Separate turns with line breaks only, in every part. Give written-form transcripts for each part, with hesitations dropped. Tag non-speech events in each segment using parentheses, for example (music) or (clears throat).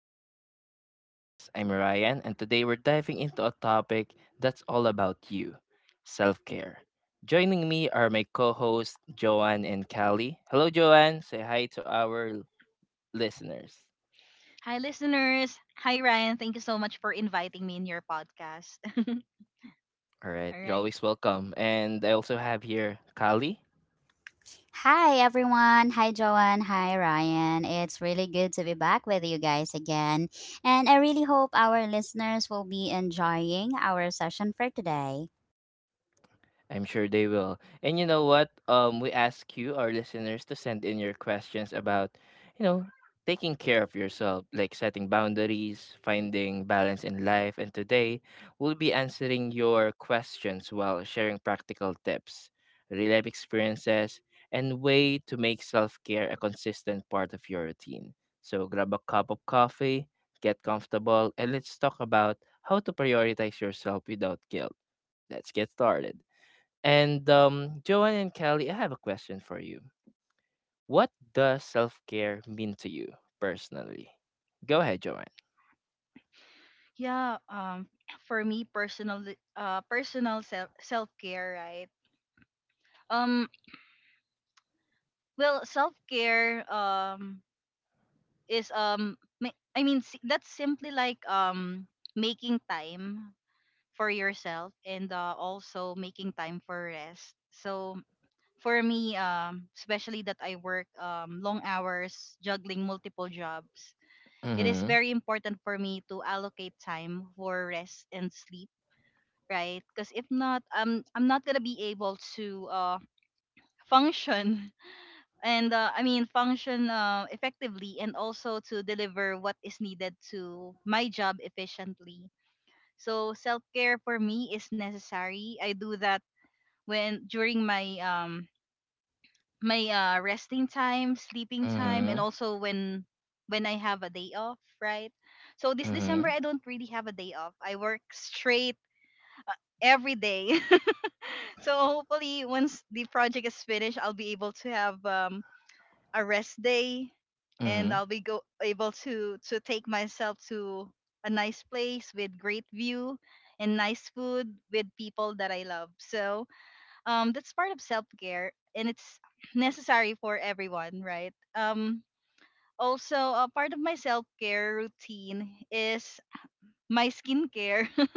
Welcome back to the podcast. I'm Ryan, and today we're diving into a topic that's all about you: self care. Joining me are my co hosts, Joanne and Callie. Hello, Joanne. Say hi to our listeners.
Hi, listeners. Hi, Ryan. Thank you so much for inviting me in your podcast. (laughs)
All right,
All
you're
right.
always welcome. And I also have here Callie.
Hi everyone. Hi Joanne. Hi Ryan. It's really good to be back with you guys again. And I really hope our listeners will be enjoying our session for today.
I'm sure they will. And you know what? We ask you, our listeners, to send in your questions about, you know, taking care of yourself, like setting boundaries, finding balance in life. And today, we'll be answering your questions while sharing practical tips, real life experiences, and way to make self care a consistent part of your routine. So grab a cup of coffee, get comfortable, and let's talk about how to prioritize yourself without guilt. Let's get started. And Joanne and Kelly, I have a question for you. What does self care mean to you personally? Go ahead, Joanne.
Yeah. Um. For me, personal self care, right? Um. Self care Um. Is ma- I mean, si- that's simply like making time for yourself and also making time for rest. So for me, especially that I work long hours juggling multiple jobs,
Mm
it
hmm.
is very important for me to allocate time for rest and sleep, right? Because if not, I'm not gonna be able to function (laughs) and I mean function effectively and also to deliver what is needed to my job efficiently. So self care for me is necessary. I do that when during my my resting time, sleeping
Mm
time,
hmm.
and also when I have a day off, right? So this
Mm hmm.
December I don't really have a day off. I work straight every day. (laughs) So hopefully once the project is finished, I'll be able to have a rest day,
Mm hmm.
and I'll be go able to take myself to a nice place with great view and nice food with people that I love. So that's part of self-care, and it's (sighs) necessary for everyone, right? Also, a part of my self-care routine is my skincare. (laughs)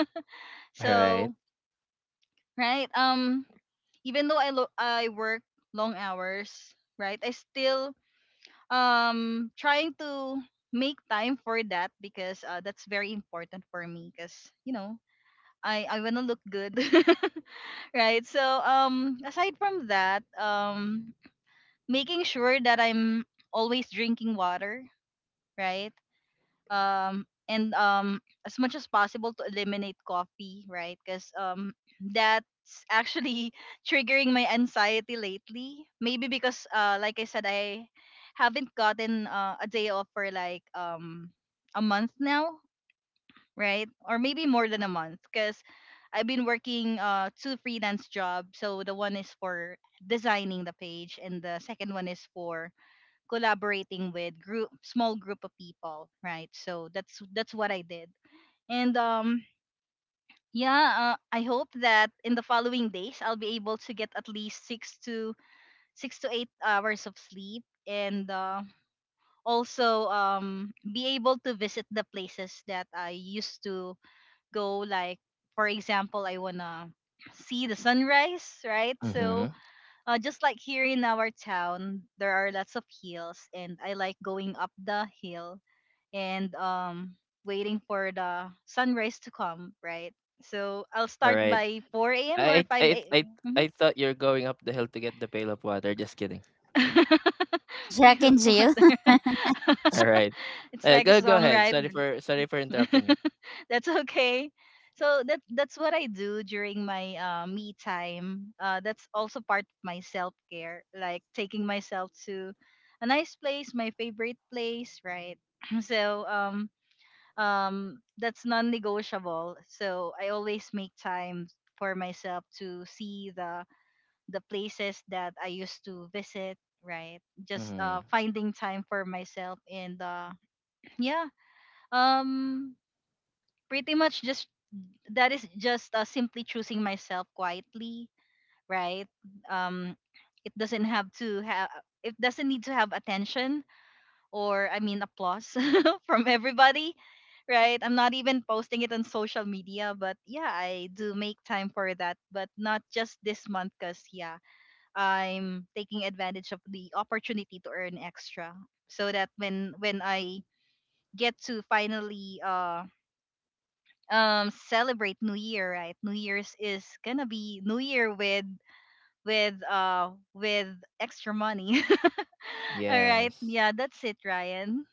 All right.
So right. Even though I work long hours, right, I still trying to make time for that because that's very important for me, because you know, I want to look good. (laughs) Right. So aside from that, making sure that I'm always drinking water, right? And As much as possible to eliminate coffee, right? Because that's actually (laughs) triggering my anxiety lately. Maybe because, like I said, I haven't gotten a day off for like a month now, right? Or maybe more than a month, because I've been working two freelance jobs. So the one is for designing the page, and the second one is for collaborating with group small group of people, right? So that's what I did. And yeah, I hope that in the following days I'll be able to get at least 6 to 6 to 8 hours of sleep, and also be able to visit the places that I used to go. Like for example, I wanna see the sunrise, right?
Mm hmm.
So just like here in our town, there are lots of hills, and I like going up the hill and waiting for the sunrise to come, right? So I'll
All
start
right.
by 4 a.m. or
I, I,
5
I,
a.m. Mhm.
I thought you're going up the hill to get the pail of water. Just kidding.
(laughs)
(laughs)
Jack
Peanut
and Jill.
butter.
(laughs)
All right.
(laughs) It's like a
Go
song,
ahead.
right?
Sorry for interrupting you.
(laughs) That's okay. So that's what I do during my me time. That's also part of my self care, like taking myself to a nice place, my favorite place, right? (clears throat) So that's non-negotiable, so I always make time for myself to see the places that I used to visit, right? Just
Mm-hmm.
finding time for myself. And yeah, um pretty much just that. Is just simply choosing myself quietly, right? um it doesn't have to have it doesn't need to have attention, or I mean applause (laughs) from everybody, right? I'm not even posting it on social media, but yeah, I do make time for that, but not just this month cuz yeah, I'm taking advantage of the opportunity to earn extra, so that when I get to finally celebrate New Year, right? New Year's is going to be New Year with with extra money. (laughs) All right. Yeah,
Yes.
that's it, Ryan.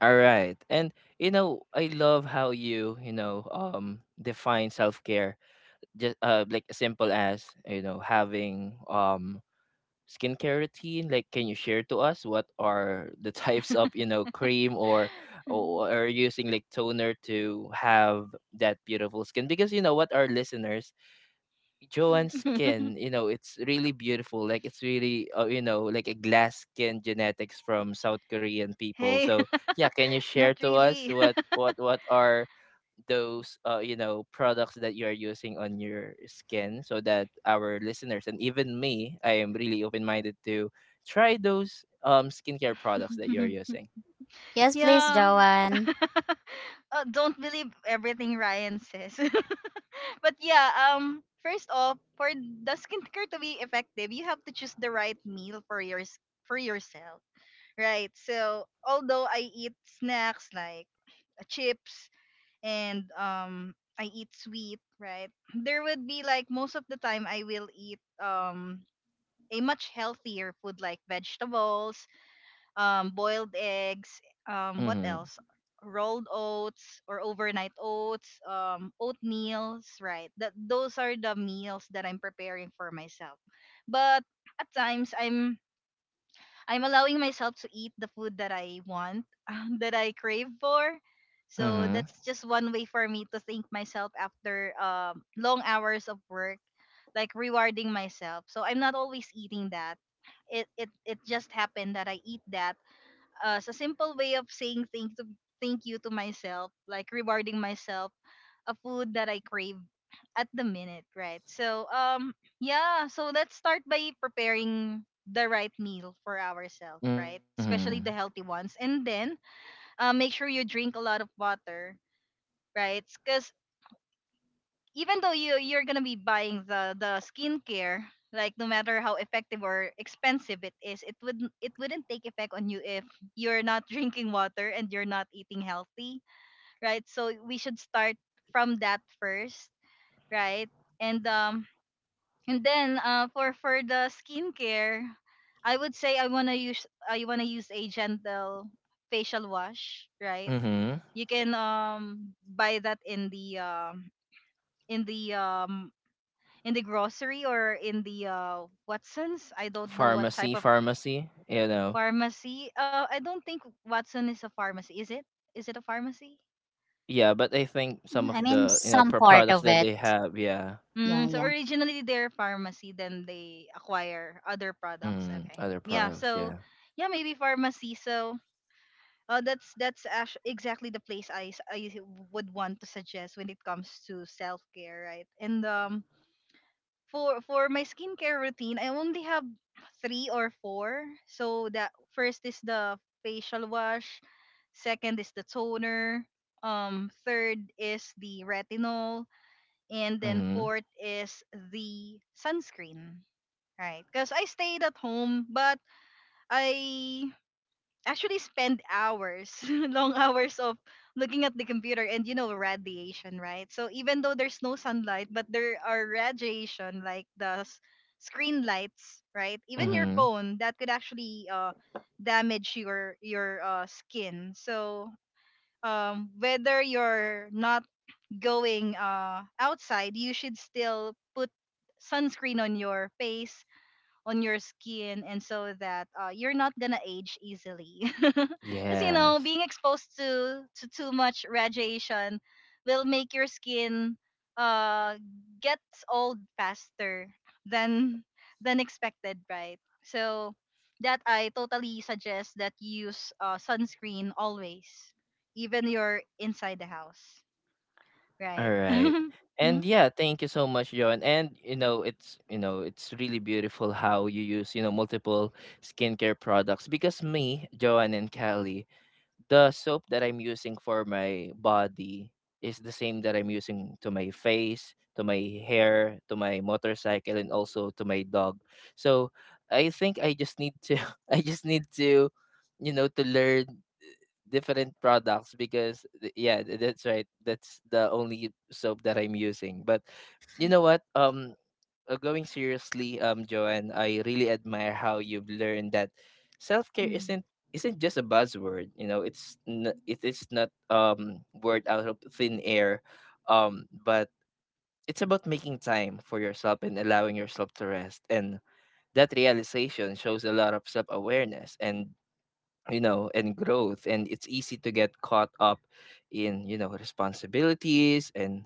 All right. And I love how you, define self care just like as simple as having skincare routine. Like, can you share to us what are the (laughs) types of cream or
(laughs)
using like toner to have that beautiful skin? Because you know what, our listeners, Joanne's skin,
(laughs)
you know, it's really beautiful. Like, it's really you know, like a glass skin genetics from South Korean people.
Hey,
So yeah, can you
(laughs) not
share to us
really.
what are those you know, products that you are using on your skin, so that our listeners and even me, I am really open-minded to try those skincare products that you're
(laughs)
using.
Yes, please,
Yeah. (laughs)
Joanne.
Don't believe everything Ryan says. (laughs) But yeah, first off, for the skincare to be effective, you have to choose the right meal for for yourself, right? So although I eat snacks like chips and I eat sweet, right? There would be like most of the time I will eat a much healthier food, like vegetables, boiled eggs, what
Mm-hmm.
else? Rolled oats or overnight oats, oatmeals, right? That those are the meals that I'm preparing for myself. But at times I'm allowing myself to eat the food that I want, (laughs) that I crave for. So
Mm-hmm.
that's just one way for me to thank myself after long hours of work, like rewarding myself. So I'm not always eating that. It just happened that I eat that, a simple way of saying thank you to myself, like rewarding myself a food that I crave at the minute, right? So yeah, so let's start by preparing the right meal for ourselves, right?
Mm-hmm.
Especially the healthy ones. And then make sure you drink a lot of water, right? Cuz even though you're gonna be buying the skincare, like no matter how effective or expensive it is, it wouldn't take effect on you if you're not (laughs) drinking water and you're not eating healthy, right? So we should start from that first, right? And um and then for the skincare, I would say I wanna use a gentle facial wash, right?
Mm-hmm.
You can buy that in in the um the grocery or in the Watsons. I don't know what
Pharmacy,
type of
pharmacy, you know.
pharmacy. I don't think Watson is a pharmacy. Is it? Is it a pharmacy?
Yeah, but I think some of
I mean,
the, you know,
some part
products
of
that
it.
they have. Yeah.
Yeah,
Mm, so
yeah.
originally they're a pharmacy, then they acquire other products.
Mm,
Okay,
other
yeah.
products.
So
Yeah.
yeah, maybe pharmacy. So that's exactly the place I would want to suggest when it comes to self care, right? And for my skincare routine, I only have three or four. So that first is the facial wash, second is the toner, third is the retinol, and then
Mm-hmm.
fourth is the sunscreen. Right, because I stayed at home, but I actually spend hours, (laughs) long hours of looking at the computer, and you know, radiation, right? So even though there's no sunlight, but there are radiation like screen lights, right? Even your
Mm-hmm.
phone that could actually damage your skin. So whether you're not going outside, you should still put sunscreen on your face, on your skin, and so that you're not gonna age easily (laughs) because you know
Yes.
being exposed to too much radiation will make your skin uh gets old faster than than expected, right? So that I totally suggest that you use sunscreen always, even you're inside the house,
All
right.
right.
(laughs)
And
Mhm.
yeah, thank you so much, John. And you know, it's, you know, it's really beautiful how you use, you know, multiple skincare products. Because me, Joanne and Callie, the soap that I'm using for my body is the same that I'm using to my face, to my hair, to my motorcycle, and also to my dog. So I think I just need to, (laughs) I just need to, you know, to learn different products, because that's right, that's the only soap that I'm using. But you know what going seriously, Joanne, I really admire how you've learned that self-care
Mhm.
isn't just a buzzword. You know, it is not word out of thin air. But it's about making time for yourself and allowing yourself to rest, and that realization shows a lot of self-awareness and, you know, and growth. And it's easy to get caught up in, you know, responsibilities and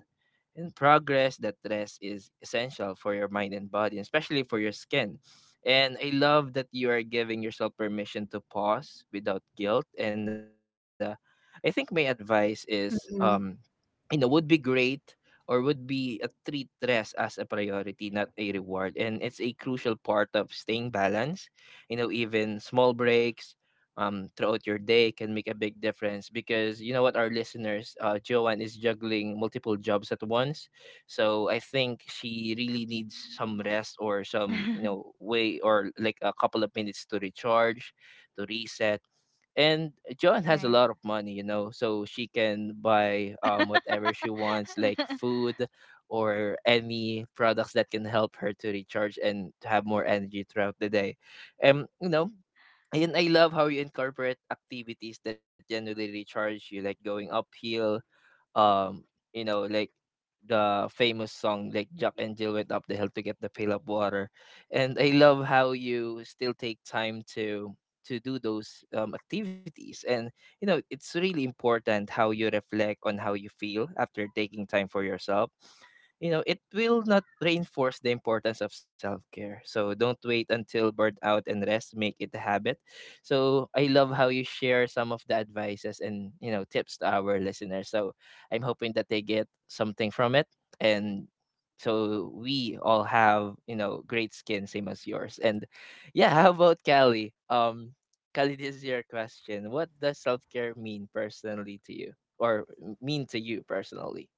progress, that rest is essential for your mind and body, especially for your skin. And I love that you are giving yourself permission to pause without guilt. And I think my advice is
Mm-hmm.
you know, would be great or would be a treat rest as a priority, not a reward. And it's a crucial part of staying balanced. You know, even small breaks throughout your day can make a big difference, because you know what, our listeners, Joanne is juggling multiple jobs at once. So I think she really needs some rest or some, you know,
(laughs)
way or like a couple of minutes to recharge, to reset. And Joan has a
Right.
lot of money, you know, so she can buy whatever she wants, like
(laughs)
food or any products that can help her to recharge and to have more energy throughout the day. You know, and I love how you incorporate activities that generally recharge you, like going uphill, um you know, like the famous song like Jack and Jill went up the hill to get the pail of water. And I love how you still take time to do those activities. And you know, it's really important how you reflect on how you feel after taking time for yourself. You know, it will not reinforce the importance of self-care, so don't wait until burnout, and rest, make it a habit. So I love how you share some of the advices and, you know, tips to our listeners. So I'm hoping that they get something from it. And so we all have, you know, great skin, same as yours. And yeah, how about Callie? Callie, this is your question. What does self care mean personally to you, or mean to you personally?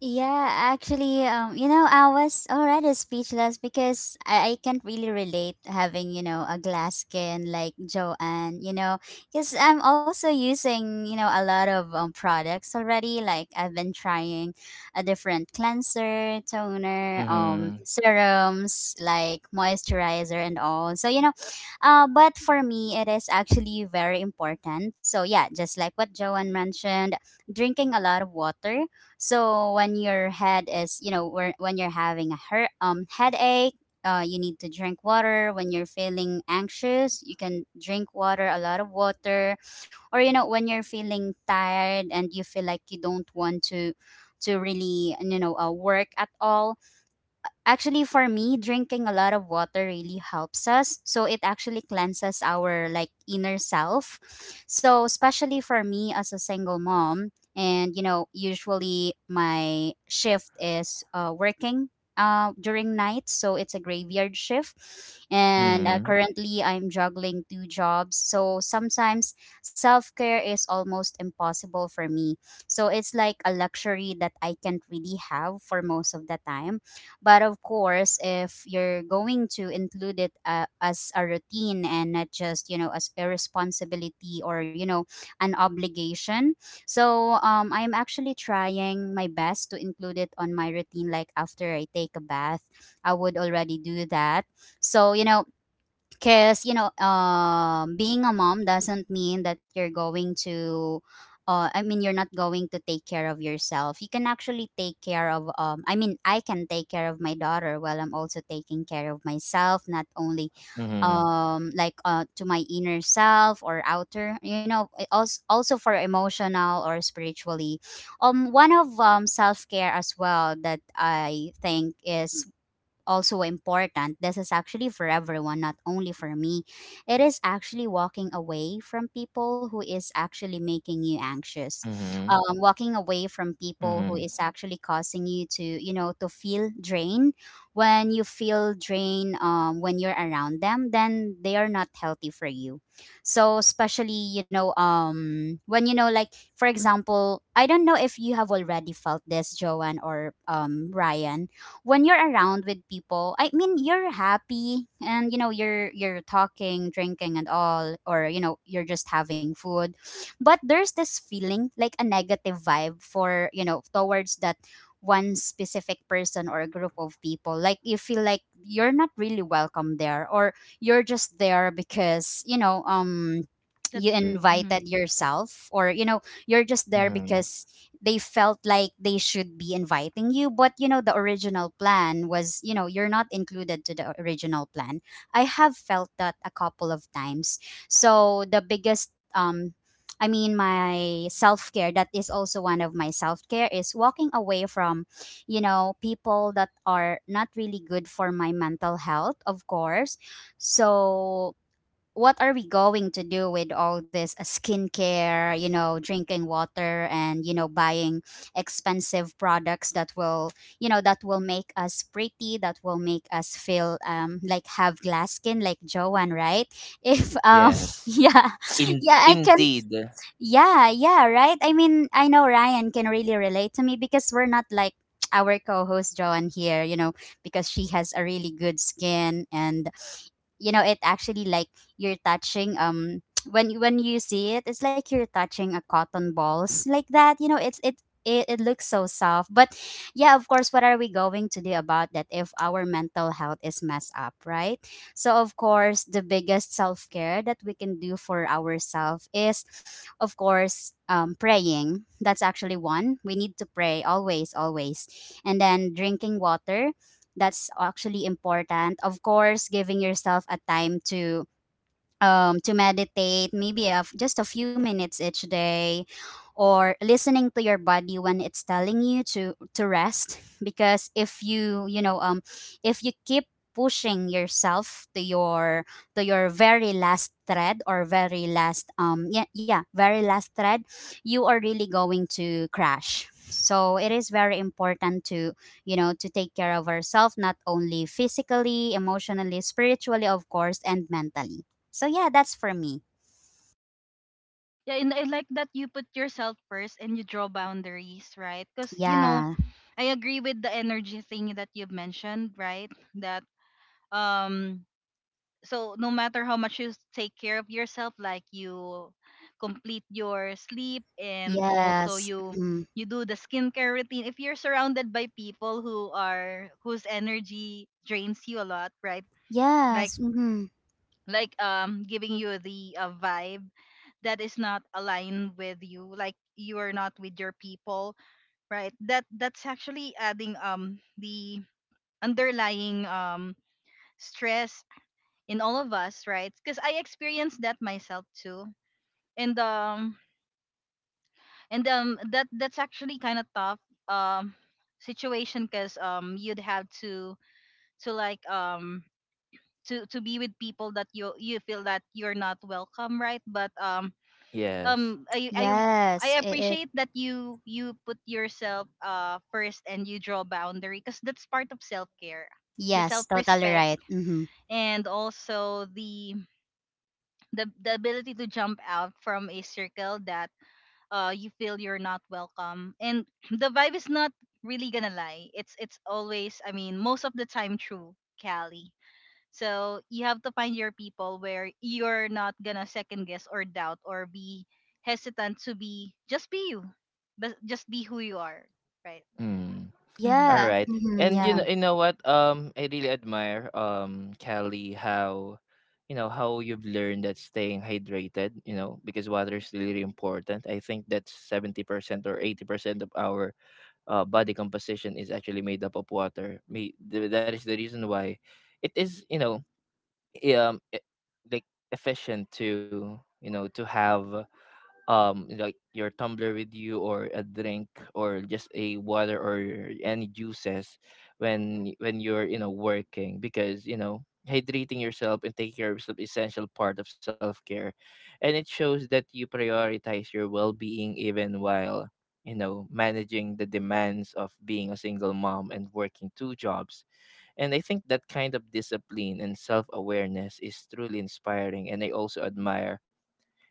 Yeah, actually, I was already speechless because I can't really relate having, a glass skin like Joanne, because I'm also using, a lot of products already. Like I've been trying a different cleanser, toner,
Mm-hmm.
serums, like moisturizer and all. So, but for me, it is actually very important. So, yeah, just like what Joanne mentioned, drinking a lot of water. So when your head is, when you're having a headache, you need to drink water. When you're feeling anxious, you can drink water, a lot of water. Or when you're feeling tired and you feel like you don't want to really, work at all. Actually, for me, drinking a lot of water really helps us. So it actually cleanses our, like, inner self. So especially for me as a single mom, and usually my shift is working during night, so it's a graveyard shift. And
Mm-hmm.
currently, I'm juggling two jobs. So sometimes self care is almost impossible for me. So it's like a luxury that I can't really have for most of the time. But of course, if you're going to include it as a routine and not just, as a responsibility or, an obligation. So I'm actually trying my best to include it on my routine. Like after I take a bath, I would already do that. So, because being a mom doesn't mean that you're going to I mean, you're not going to take care of yourself. You can actually take care of I mean, I can take care of my daughter while I'm also taking care of myself. Not only
Mm-hmm.
like to my inner self or outer, also for emotional or spiritually. One of self-care as well that I think is also important. This is actually for everyone, not only for me. It is actually walking away from people who is actually
Mm-hmm.
making you anxious.
Mm-hmm.
Walking away from people who is actually causing you to, to feel drained. When you feel drained, when you're around them, then they are not healthy for you. So especially, when you know, like for example, I don't know if you have already felt this, Joanne or Ryan, when you're around with people, I mean, you're happy and you know you're talking, drinking, and all, or you know you're just having food, but there's this feeling like a negative vibe for, you know, towards that one specific person or a group of people. Like you feel like you're not really welcome there, or you're just there because you
That's true. Hmm
invited yourself, or you know you're
Mm-hmm.
just there because they felt like they should be inviting you. But you know the original plan was, you know, you're not included to the original plan. I have felt that a couple of times. So the biggest I mean, my self-care, that is also one of my self-care is walking away from, you know, people that are not really good for my mental health, of course. So what are we going to do with all this skincare, you know, drinking water, and, you know, buying expensive products that will, make us pretty, that will make us feel like have glass skin like Joanne, right? If,
Yes.
(laughs) yeah,
In
yeah, I can,
Indeed.
yeah, yeah, right? I mean, I know Ryan can really relate to me, because we're not like, (tsk) our co-host Joanne here, you know, because she has a really good skin. And you know it actually, like, you're touching (tsk) when you see it, it's like you're touching a cotton balls like that. You know, it looks so soft. But yeah, of course, what are we going to do about that if our mental health is messed up, right? So, of course, the biggest self-care that we can do for ourselves is (sniffs) of course, praying. That's actually one. We need to pray always, always. And then drinking water, that's actually important. Of course, giving yourself a time to meditate, maybe a f just a few minutes each day, or listening to your body when it's telling you to rest. (laughs) Because if you keep pushing yourself to your very last thread, or very last yeah, yeah, very last thread, you are really going to crash. So it is very important to, to take care of ourselves, not only physically, emotionally, spiritually of course, and mentally. So yeah, that's for me.
Yeah, and I like that you put yourself first and you draw boundaries, right? Because you know,
Yeah.
I agree with the energy thing that you've mentioned, right? That um, so no matter how much take care of yourself, like you complete your sleep and also
Yes. Mm-hmm.
you do the skincare routine, if you're surrounded by people who are whose energy drains you a lot, right? Like
Yes. Mm-hmm.
giving you the vibe that is not aligned with you, like you are not with your people, right? That's actually adding the underlying stress in all of us, right? Because I experienced that myself too. And um and um that that's actually kind of tough um situation, because you'd have to to like um to be with people that you feel that you're not welcome, right? But um
Yes.
um I I I
Yes. It, it.
appreciate that you put yourself first and you draw boundary, because that's part of self care, the self
Yes. Totally
respect,
right. Mm-hmm.
and also the ability to jump out from a circle that you feel you're not welcome, and (clears throat) the vibe is not really gonna lie. It's always, I mean most of the time, true, Callie. So you have to find your people where you're not gonna second guess or doubt or be hesitant to be just be you, but just be who you are, right?
Mm. All
Mm-hmm.
Yeah.
right.
Mm-hmm.
And
Yeah.
you know what? I really admire Kelly, how, you know, how you've learned that staying hydrated. You know, because water is really important. I think that's 70% or 80% of our body composition is actually made up of water. Me, that is the reason why, it is, you know, i- um e- like efficient to, you know, to have like your tumbler with you or a drink or just a water or any juices when when you're, you know, working. Because you know, hydrating yourself and taking care of yourself is essential part of self-care, and it shows that you prioritize your well-being even while, you know, managing the demands of being a single mom and working two jobs. And I think that kind of discipline and self-awareness is truly inspiring. And I also admire,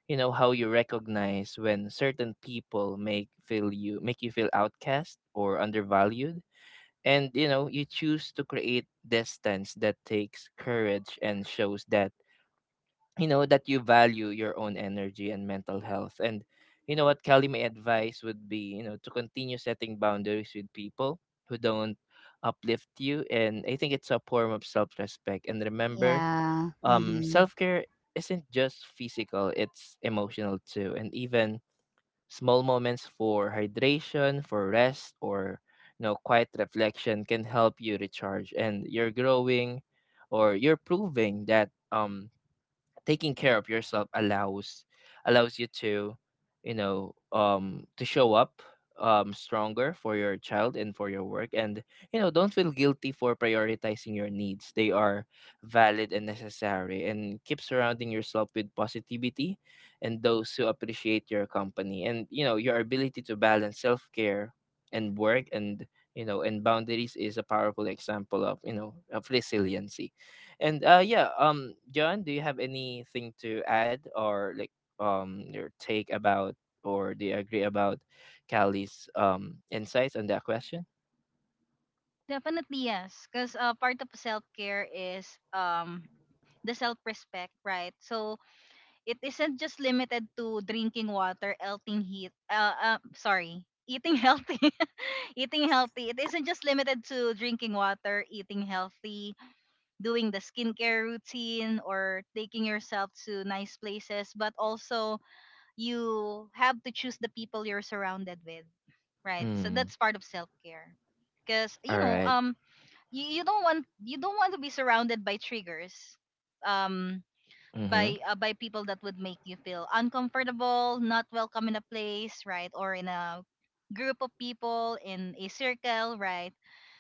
you know, how you recognize when certain people make feel you make you feel outcast or undervalued, and you know, you choose to create distance. That takes courage and shows that, you know, that you value your own energy and mental health. And you know what, Kelly, my advice would be, you know, to continue setting boundaries with people who don't uplift you. And I think it's a form of self-respect. And remember,
Yeah. Mm-hmm.
self-care isn't just physical, it's emotional too. And even small moments for hydration, for rest, or, you know, quiet reflection can help you recharge. And you're growing, or you're proving that taking care of yourself allows allows you to you know, to show up stronger for your child and for your work. And you know, don't feel guilty for prioritizing your needs. They are valid and necessary. And keep surrounding yourself with positivity and those who appreciate your company. And you know, your ability to balance self-care and work and, you know, and boundaries is a powerful example of, you know, of resiliency. And yeah, John, do you have anything to add, or like, your take about, or do you agree about Callie's insights on that question?
Definitely yes, because part of self care is the self respect, right? So it isn't just limited to drinking water, eating healthy, (laughs) eating healthy. It isn't just limited to drinking water, eating healthy, doing the skincare routine or taking yourself to nice places, but also you have to choose the people you're surrounded with, right? So
Mm.
that's part of self-care. Because you
All
know,
right.
you don't want to be surrounded by triggers, um,
Mm-hmm.
by people that would make you feel uncomfortable, not welcome in a place, right, or in a group of people in a circle, right?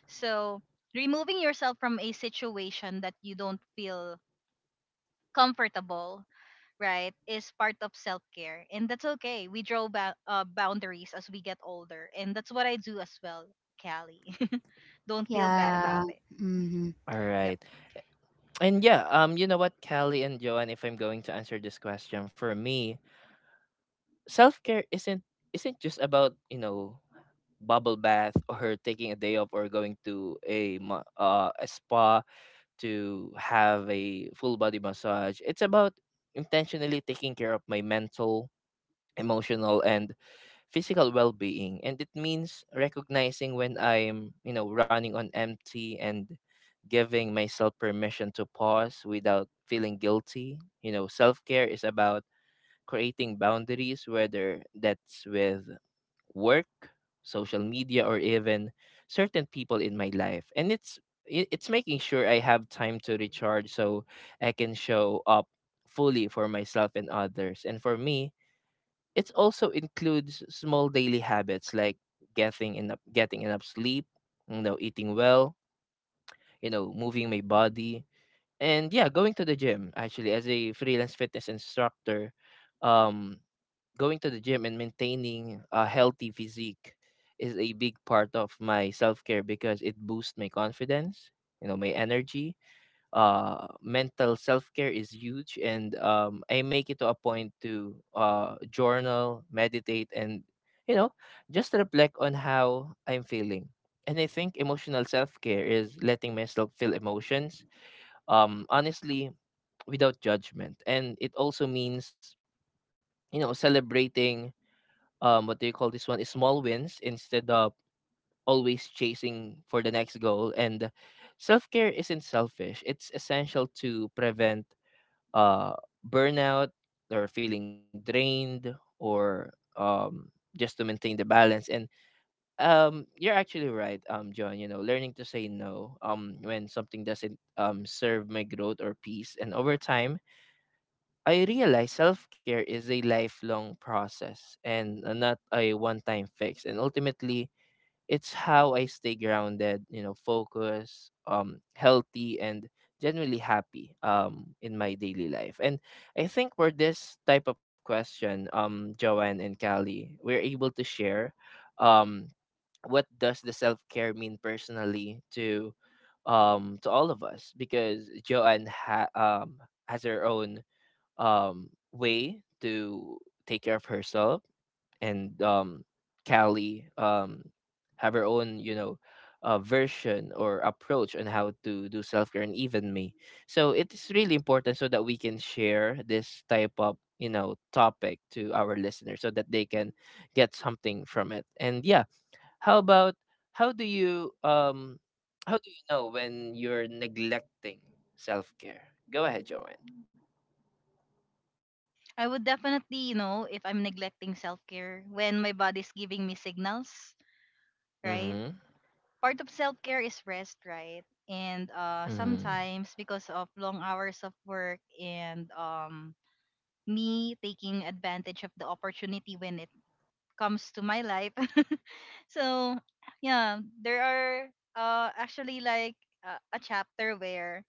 So, removing yourself from a situation that you don't feel comfortable, right, is part of self care. And that's okay. We draw boundaries as we get older. And that's what I do as well, Callie. (laughs) Don't feel bad about
Yeah.
it.
Mm-hmm.
All
Yep.
right. And yeah, you know what, Callie and Joanne, if I'm going to answer this question, for me, self care isn't just about, you know, bubble bath (laughs) or taking a day off or going to a a spa to have a full body massage. It's about intentionally taking care of my mental, emotional, and physical well being. And it means recognizing when I'm, you know, running on empty, and giving myself permission to pause without feeling guilty. You know, self care is about creating boundaries, whether that's with work, social media, or even certain people in my life. And it's making sure I have time to recharge so I can show up fully for myself and others. And for me, it also includes small daily habits like getting enough sleep, you know, eating well, you know, moving my body. And yeah, going to the gym actually as a freelance fitness instructor. Um going to the gym and maintaining a healthy physique is a big part of my self-care, because it boosts my confidence, you know, my energy. Mental self-care is huge, and I make it to a point to journal, meditate, and, you know, just reflect on how I'm feeling. And I think emotional self-care is letting myself feel emotions honestly, without judgment. And it also means, you know, celebrating what do you call this, one small wins, instead of always chasing for the next goal. And self-care isn't selfish, it's essential to prevent uh burnout or feeling drained, or just to maintain the balance. And you're actually right, John, you know, learning to say no when something doesn't serve my growth or peace. And over time I realize self care is a lifelong process, and not a one time fix. And ultimately, it's how I stay grounded, you know, focused, healthy, and generally happy in my daily life. And I think for this type of question, Joanne and Callie, we're able to share um, what does the self care mean personally to all of us because Joanne has her own way to take care of herself, and Callie have her own, you know, version or approach on how to do self-care, and even me. So it's really important so that we can share this type of, you know, topic to our listeners so that they can get something from it. And yeah, how about, how do you um how do you know when you're neglecting self-care? Go ahead, Joanne.
I would definitely, if I'm neglecting self care when my body's giving me signals,
Mm-hmm.
right? Part of self care is rest, right? And
Mm-hmm.
sometimes because of long hours of work and me taking advantage of the opportunity when it comes to my life. (laughs) So yeah, there are actually like a chapter where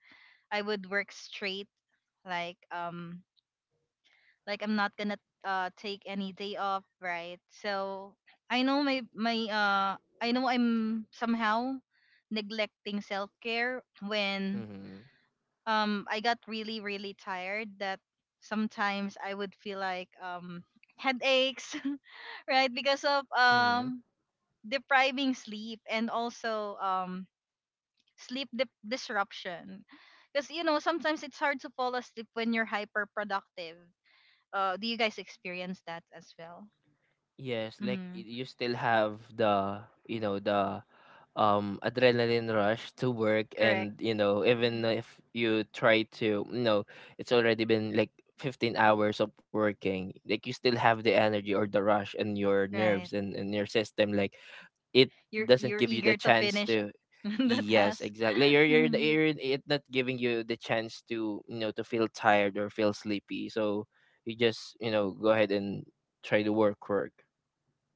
I would work straight, like um like I'm not gonna take any day off, right? So I know my my I know I'm somehow neglecting self care when
Mm-hmm.
I got really really tired, that sometimes I would feel like headaches, (laughs) right, because of
Mm-hmm.
depriving sleep and also sleep disruption. Because sometimes it's hard to fall asleep when you're hyper productive. Do you guys experience that as well?
Yes, like
Mm-hmm.
you still have the, you know, the adrenaline rush to work,
Correct,
and you know, even if you try to, you know, it's already been like 15 hours of working, like you still have the energy or the rush in your
right.
nerves and in your system, like it
you're
doesn't
you're
give you the
eager to
chance
finish
to.
(laughs) the
Yes,
task.
exactly, you're, you're,
Mm-hmm.
you're it not giving you the chance to, you know, to feel tired or feel sleepy, so you just, you know, go ahead and try to work.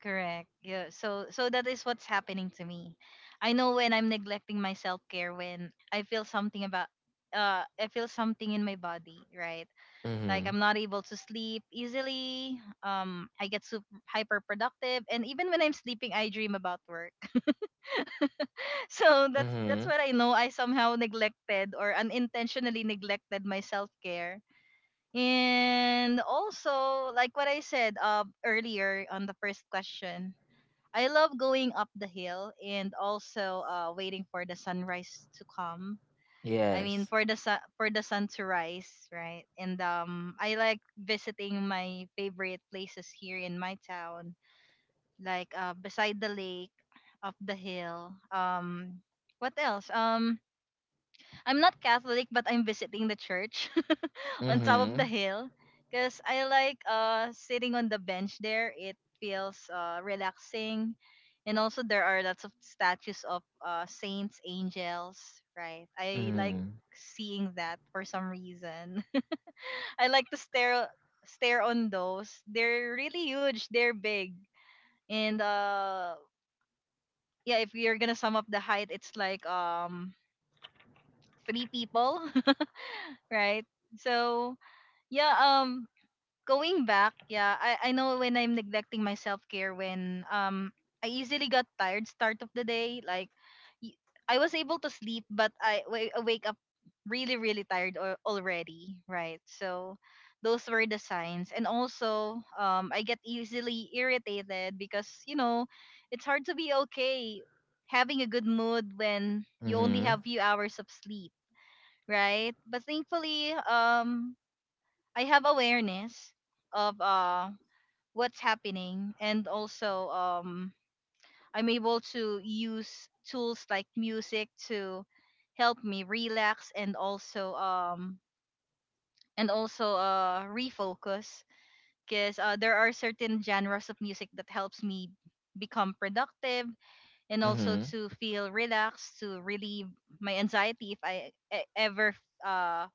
Correct. Yeah. So that is what's happening to me. I know when I'm neglecting my self care when I feel something about I feel something in my body, right? Like
Mm-hmm,
I'm not able to sleep easily. I get super hyper productive, and even when I'm sleeping I dream about work. (laughs) So that's
mm-hmm.
what I know I somehow neglected or unintentionally neglected my self care. And also like what I said earlier on the first question, I love going up the hill and also waiting for the sunrise to come. I mean,
Yes.
for the sun to rise, right? And I like visiting my favorite places here in my town, like beside the lake, up the hill. What else? I'm not Catholic, but I'm visiting the church (laughs) on top of the
Mm-hmm.
hill because I like sitting on the bench there. It feels relaxing, and also there are lots of statues of saints, angels. Right, I like
Mm-hmm.
seeing that for some reason. (laughs) I like to stare on those. They're really huge. They're big. And yeah, if you're gonna sum up the height, it's like three people, (laughs) right? So yeah, going back, yeah, I know when I'm neglecting my self-care when I easily got tired start of the day, like y- I was able to sleep, but I wake up really really tired already, right? So those were the signs. And also I get easily irritated, because it's hard to be okay having a good mood when you only have few hours of sleep, right? But thankfully I have awareness of what's happening. And also I'm able to use tools like music to help me relax, and also refocus, because there are certain genres of music that helps me become productive and also
Mm-hmm.
to feel relaxed, to relieve my anxiety if I ever uh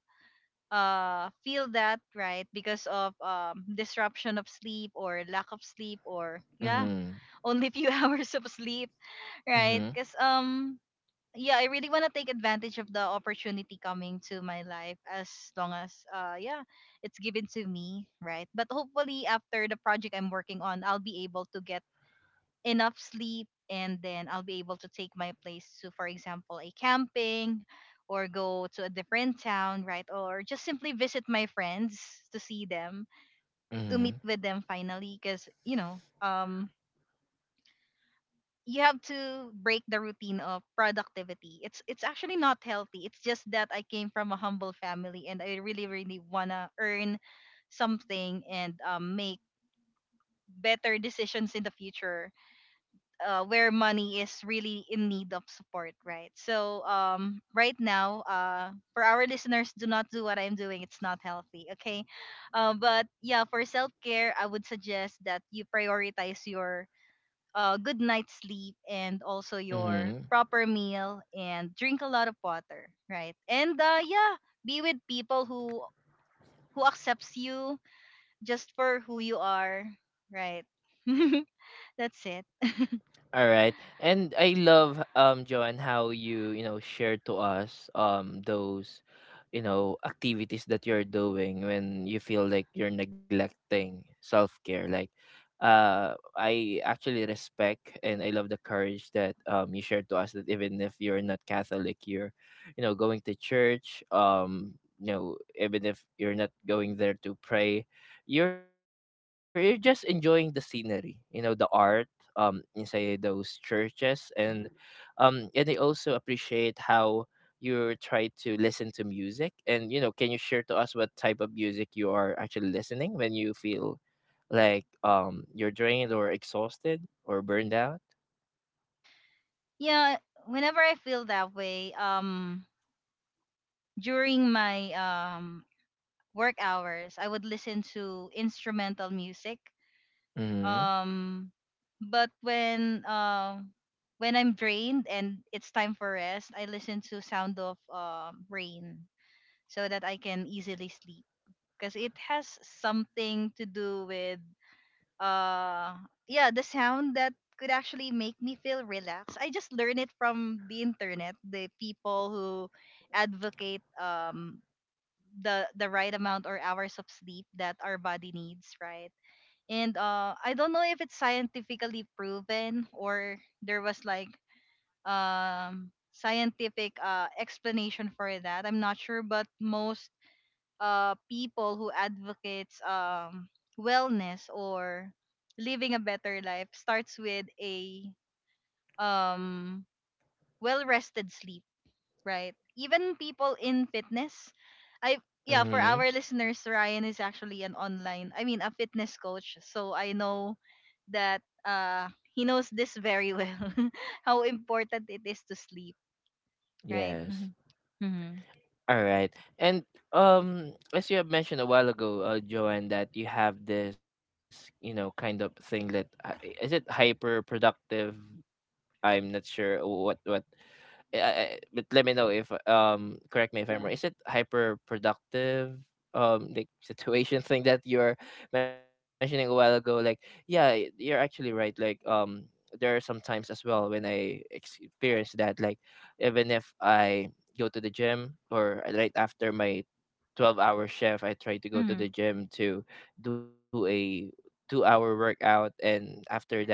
feel that, right, because of disruption of sleep or lack of sleep, or yeah,
Mm-hmm.
only few (laughs) hours of sleep, right.
Mm-hmm.
Because
Mm-hmm.
yeah, I really want to take advantage of the opportunity coming to my life as long as yeah, it's given to me, right? But hopefully, after the project I'm working on, I'll be able to get enough sleep, and then I'll be able to take my place to, for example, a camping, or go to a different town, right? Or just simply visit my friends to see them, to meet
Mm-hmm.
with them finally. Because, you have to break the routine of productivity. It's actually not healthy. It's just that I came from a humble family, and I really, really wanna earn something, and make better decisions in the future, where money is really in need of support, right? So right now, for our listeners, do not do what I'm doing. It's not healthy, okay? But yeah, for self care, I would suggest that you prioritize your good night's sleep, and also
Mm-hmm.
your proper meal, and drink a lot of water, right? And yeah, be with people who accepts you just for who you are, right? (laughs) That's it.
All right, and I love, Joanne, how you, you know, share to us those, you know, activities that you're doing when you feel like you're neglecting self-care, like, uh, I actually respect and I love the courage that you shared to us, that even if you're not Catholic, you're, you know, going to church, you know, even if you're not going there to pray, you're just enjoying the scenery, you know, the art inside those churches. And and I also appreciate how you try to listen to music. And you know, can you share to us what type of music you are actually listening when you feel like you're drained or exhausted or burned out?
Yeah, whenever I feel that way, during my work hours, I would listen to instrumental music.
Mm-hmm.
um but when I'm drained and it's time for rest, I listen to sound of rain, so that I can easily sleep, because it has something to do with uh yeah, the sound that could actually make me feel relaxed. I just learned it from the internet, the people who advocate the right amount or hours of sleep that our body needs, right? And I don't know if it's scientifically proven, or there was like scientific explanation for that. I'm not sure, but most people who advocates wellness, or living a better life, starts with a um, well-rested sleep, right? Even people in fitness, I yeah, for
Mm-hmm.
our listeners, Ryan is actually an online, I mean, a fitness coach, so I know that he knows this very well, (laughs) how important it is to sleep, right? Mm-hmm.
Yes.
Mm-hmm.
All right. And as you have mentioned a while ago, Joanne, that you have this, you know, kind of thing that, is it hyper productive? I'm not sure what. Eh, I But let me know if, correct me if I'm wrong. Mm. Is it hyper productive like situation thing that you're mentioning a while ago? Like yeah, you're actually right. Like there are some times as well when I experience that. Like even if I go to the gym, or right after my 12-hour shift, I try to go
Mm-hmm.
to the gym to do a 2 hour workout, and after that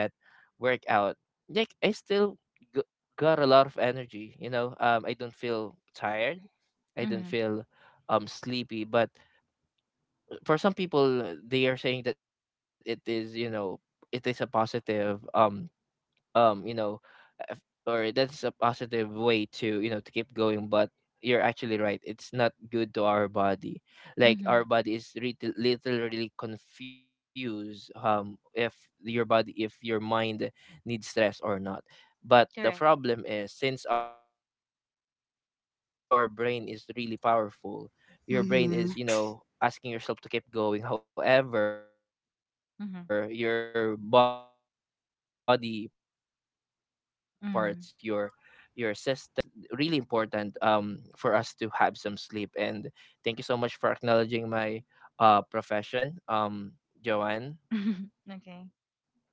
workout, like I still g- got a lot of energy, you know, I don't feel tired, I don't
Mm-hmm.
feel sleepy. But for some people, they are saying that it is, you know, it is a positive you know, f- or that's a positive way to, you know, to keep going. But you're actually right, it's not good to our body. Like
Mm-hmm.
our body is literally confused, if your body, if your mind needs stress or not. But the
Correct.
problem is, since our brain is really powerful, your brain is, you know, asking yourself to keep
Mm-hmm.
going, however your body parts, your
Mm-hmm.
system is actually breaking down already. And you know that is really
Mm-hmm.
important, for us to have some sleep. And thank you so much for acknowledging my profession,
Mhm. (laughs) Okay.
Joanne.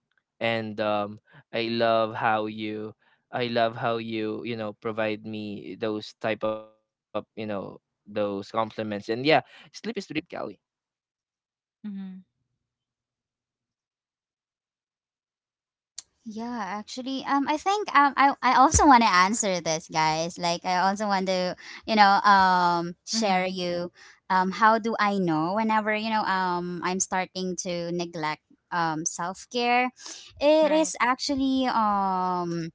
And I love how you, I love how you, you know, provide me those type of, you know, those compliments. And yeah, sleep is really important, you know. And yeah,
Mhm.
let's try to hear it from Callie. Go ahead, Callie.
Yeah, actually, I think I also want to answer this, guys. Like, I also want to, share
Mhm.
you, how do I know whenever, I'm starting to neglect self care. It
Right.
is actually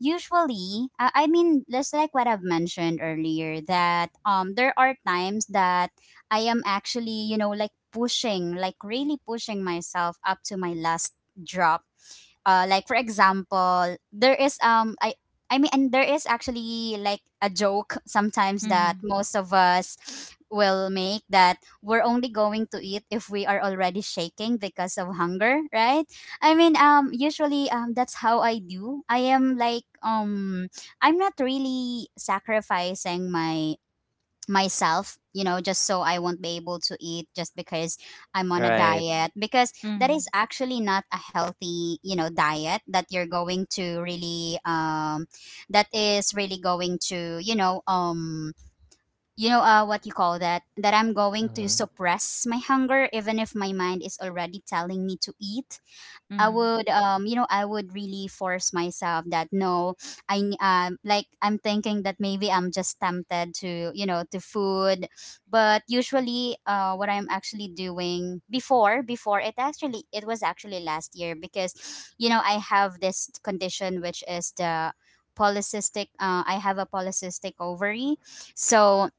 usually, I mean, just like what I've mentioned earlier, that there are times that I am actually, you know, like pushing, like really pushing myself up to my last drop. Like for example, there is I mean, and there is actually like a joke (laughs) sometimes that
Mhm.
most of us will make, that we're only going to eat if we are already shaking because of hunger, right? I mean, usually, that's how I do. I am like, I'm not really sacrificing my myself, you know, just so I won't be able to eat just because I'm on a diet, because that
Mhm.
is actually not a healthy, you know, diet that you're
Right.
going to really, that is really going to, you know, what you call that, I'm going to suppress my hunger, even if my mind is already telling me to eat.
Mm-hmm.
I
Mhm.
would really force myself that no. Like, I'm thinking that maybe I'm just tempted to, to food. But usually, what I'm actually doing before, it actually, it was actually last year, because you know I have this condition, which is the polycystic I have a polycystic ovary. So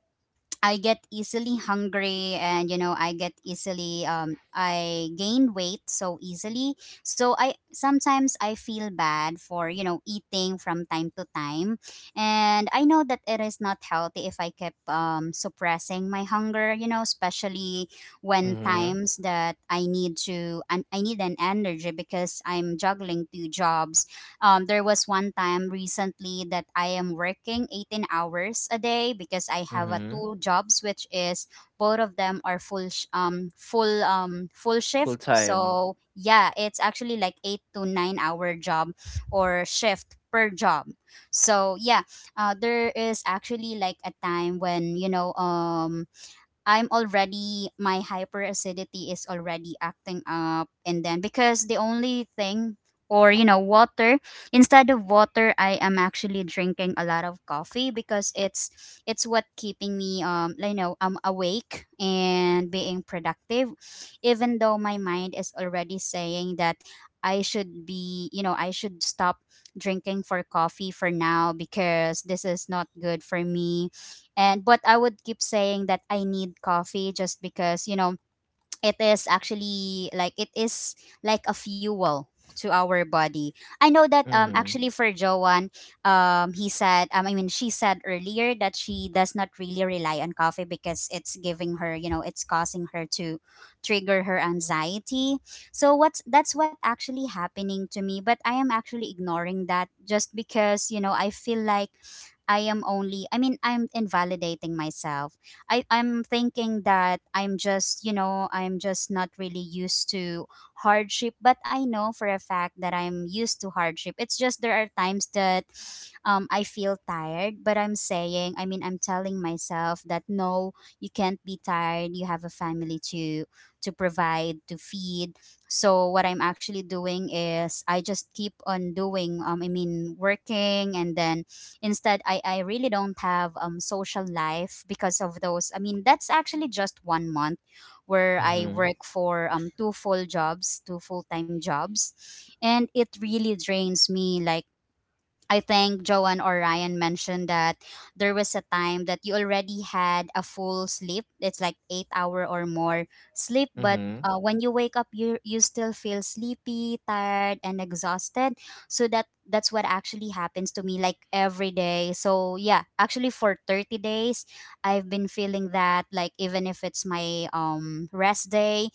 I get easily hungry, and you know I gain weight so easily. So I sometimes I feel bad for, you know, eating from time to time. And I know that it is not healthy if I keep suppressing my hunger, you know, especially when times that I need to, and I need an energy, because I'm
Mm-hmm.
juggling two jobs. There was one time recently that I am working 18 hours a day, because I have a two jobs, which is both of them are full sh- full
Mm-hmm.
full shift. So yeah, it's actually like 8 to 9 hour job
Full
or
time.
shift per job. So yeah, there is actually like a time when you know I'm already my hyperacidity is already acting up. And then because the only thing, or you know, water, instead of water, I am actually drinking a lot of coffee, because it's what keeping me you know, awake and being productive. Even though my mind is already saying that, I should be you know, I should stop drinking for coffee for now because this is not good for me. And but I would keep saying that I need coffee just because you know it is actually, like it is like a fuel to our body. I know that,
Mm-hmm.
actually, for Joanne, he said I mean, she said earlier that she does not really rely on coffee because it's giving her, you know, it's causing her to trigger her anxiety. So what's that's what actually happening to me, but I am actually ignoring that just because, you know, I feel like, I am only I mean, I'm invalidating myself. I'm thinking that I'm just, you know, I'm just not really used to hardship, but I know for a fact that I'm used to hardship. It's just there are times that, I feel tired, but I mean, I'm telling myself that no, you can't be tired. You have a family to provide, to feed. So what I'm actually doing is I just keep on doing, working. And then instead, I really don't have social life because of those. I mean, that's actually just 1 month where I
Mm-hmm.
work for two full jobs, two full time jobs, and it really drains me. Like I think Joanne or Ryan mentioned that there was a time that you already had a full sleep. It's like 8 hour or more sleep, but
Mm-hmm.
when you wake up, you still feel sleepy, tired, and exhausted. So that's what actually happens to me like every day. So yeah, actually for 30 days, I've been feeling that like even if it's my rest day,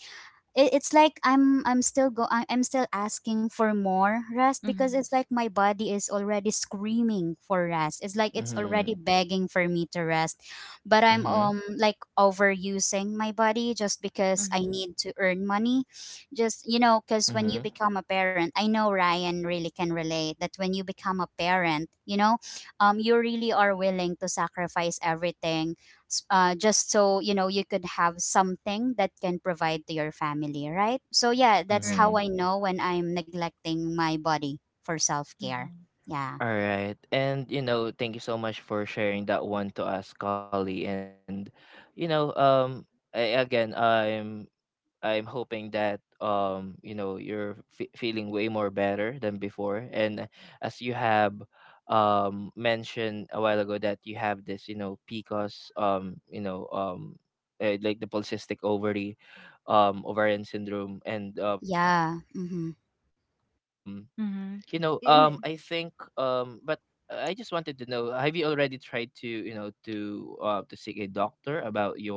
it's like I'm still asking for more rest, because
Mhm.
it's like my body is already screaming for rest. It's like it's
Mm-hmm.
already begging for me to rest, but I'm
Mhm.
like overusing my body just because I
Mhm.
need to earn money.
Mhm.
Because when you become a parent, I know Ryan really can relate that when you become a parent, you really are willing to sacrifice everything, just so you know you could have something that can provide to your family, right? So yeah,
Mhm.
that's how
Right.
I know when I'm neglecting my body for self-care.
Mhm.
Yeah.
All right. And you know, thank you so much for sharing that one to us, Collie. And you know, I, again, I'm hoping that you know, you're feeling way more better than before. And as you have mentioned a while ago that you have this, you know, PCOS, you know, like the polycystic ovary ovarian syndrome. And
Yeah, mm-hmm.
you know, I think,
Mhm.
but
In
I just wanted to know, have you already tried to, you know, to, to seek a doctor about your situation,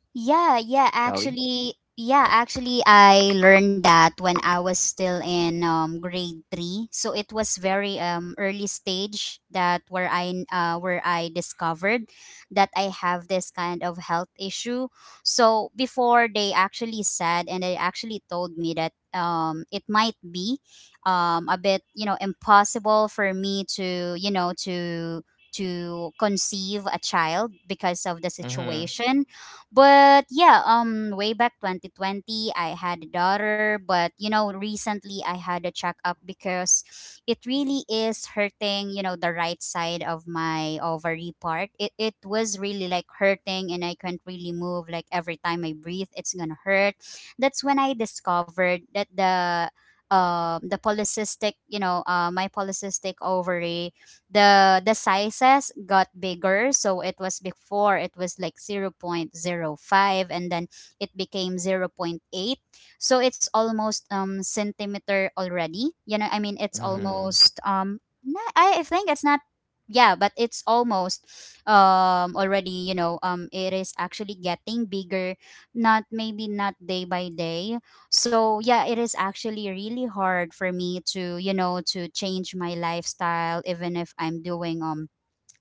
Kelly?
Yeah, yeah, actually I learned that when I was still in grade 3. So it was very early stage that where I discovered that I have this kind of health issue. So before, they actually said and they actually told me that it might be a bit, you know, impossible for me to, you know, to conceive a child because of the situation.
Mm-hmm.
But yeah, way back 2020 I had a daughter. But you know, recently I had a checkup because it really is hurting, you know, the right side of my ovary part. It was really like hurting and I can't really move, like every time I breathe it's going to hurt. That's when I discovered that the polycystic, you know, my polycystic ovary, the sizes got bigger. So it was, before it was like zero point zero 0.05, and then it became zero point 0.8, so it's almost centimeter already, you know. I mean, it's
Mm-hmm.
almost I think it's not, yeah, but it's almost already, you know. It is actually getting bigger, not maybe not day by day. So yeah, it is actually really hard for me to, you know, to change my lifestyle, even if I'm doing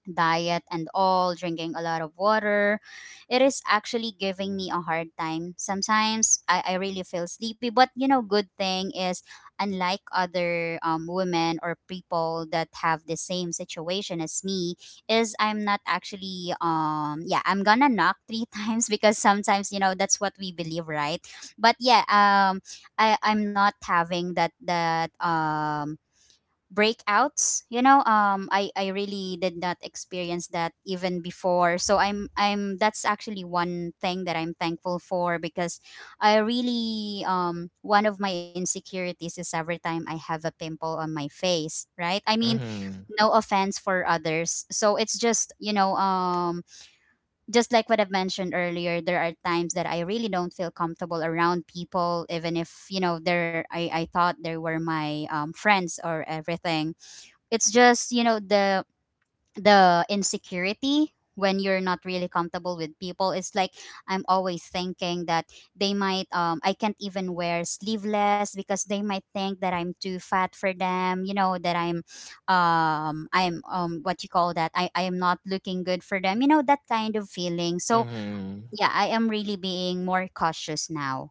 diet and all, drinking a lot of water. It is actually giving me a hard time. Sometimes I really feel sleepy, but you know, good thing is unlike other women or people that have the same situation as me, is I'm not actually yeah, I'm gonna knock three (laughs) times, because sometimes you know that's what we believe, right? But I I'm not having that breakouts, you know. I really did not experience that even before, so I'm that's actually one thing that I'm thankful for, because I really, one of my insecurities is every time I have a pimple on my face, right? I mean,
Mm-hmm.
no offense for others, so it's just, you know, just like what I've mentioned earlier, there are times that I really don't feel comfortable around people, even if you know they're, I thought they were my friends or everything. It's just, you know, the insecurity, when you're not really comfortable with people, it's like I'm always thinking that they might, I can't even wear sleeveless because they might think that I'm too fat for them, you know, that I'm what you call that, I am not looking good for them, you know, that kind of feeling. So
Mm-hmm.
yeah, I am really being more cautious now.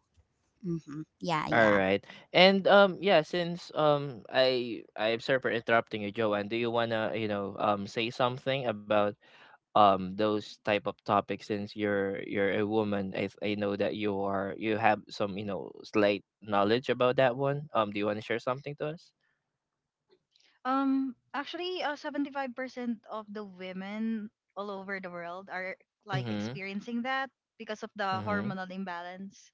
Mm-hmm. Yeah.
All
Yeah.
right. And yeah, since I I'm sorry for interrupting you, Joanne, do you wanna, you know, say something about those type of topics? Since you're a woman, I know that you are, you have some, you know, slight knowledge about that one. Do you want to share something to us?
actually 75% of the women all over the world are like
Mhm.
experiencing that because of the
Mhm.
hormonal imbalance.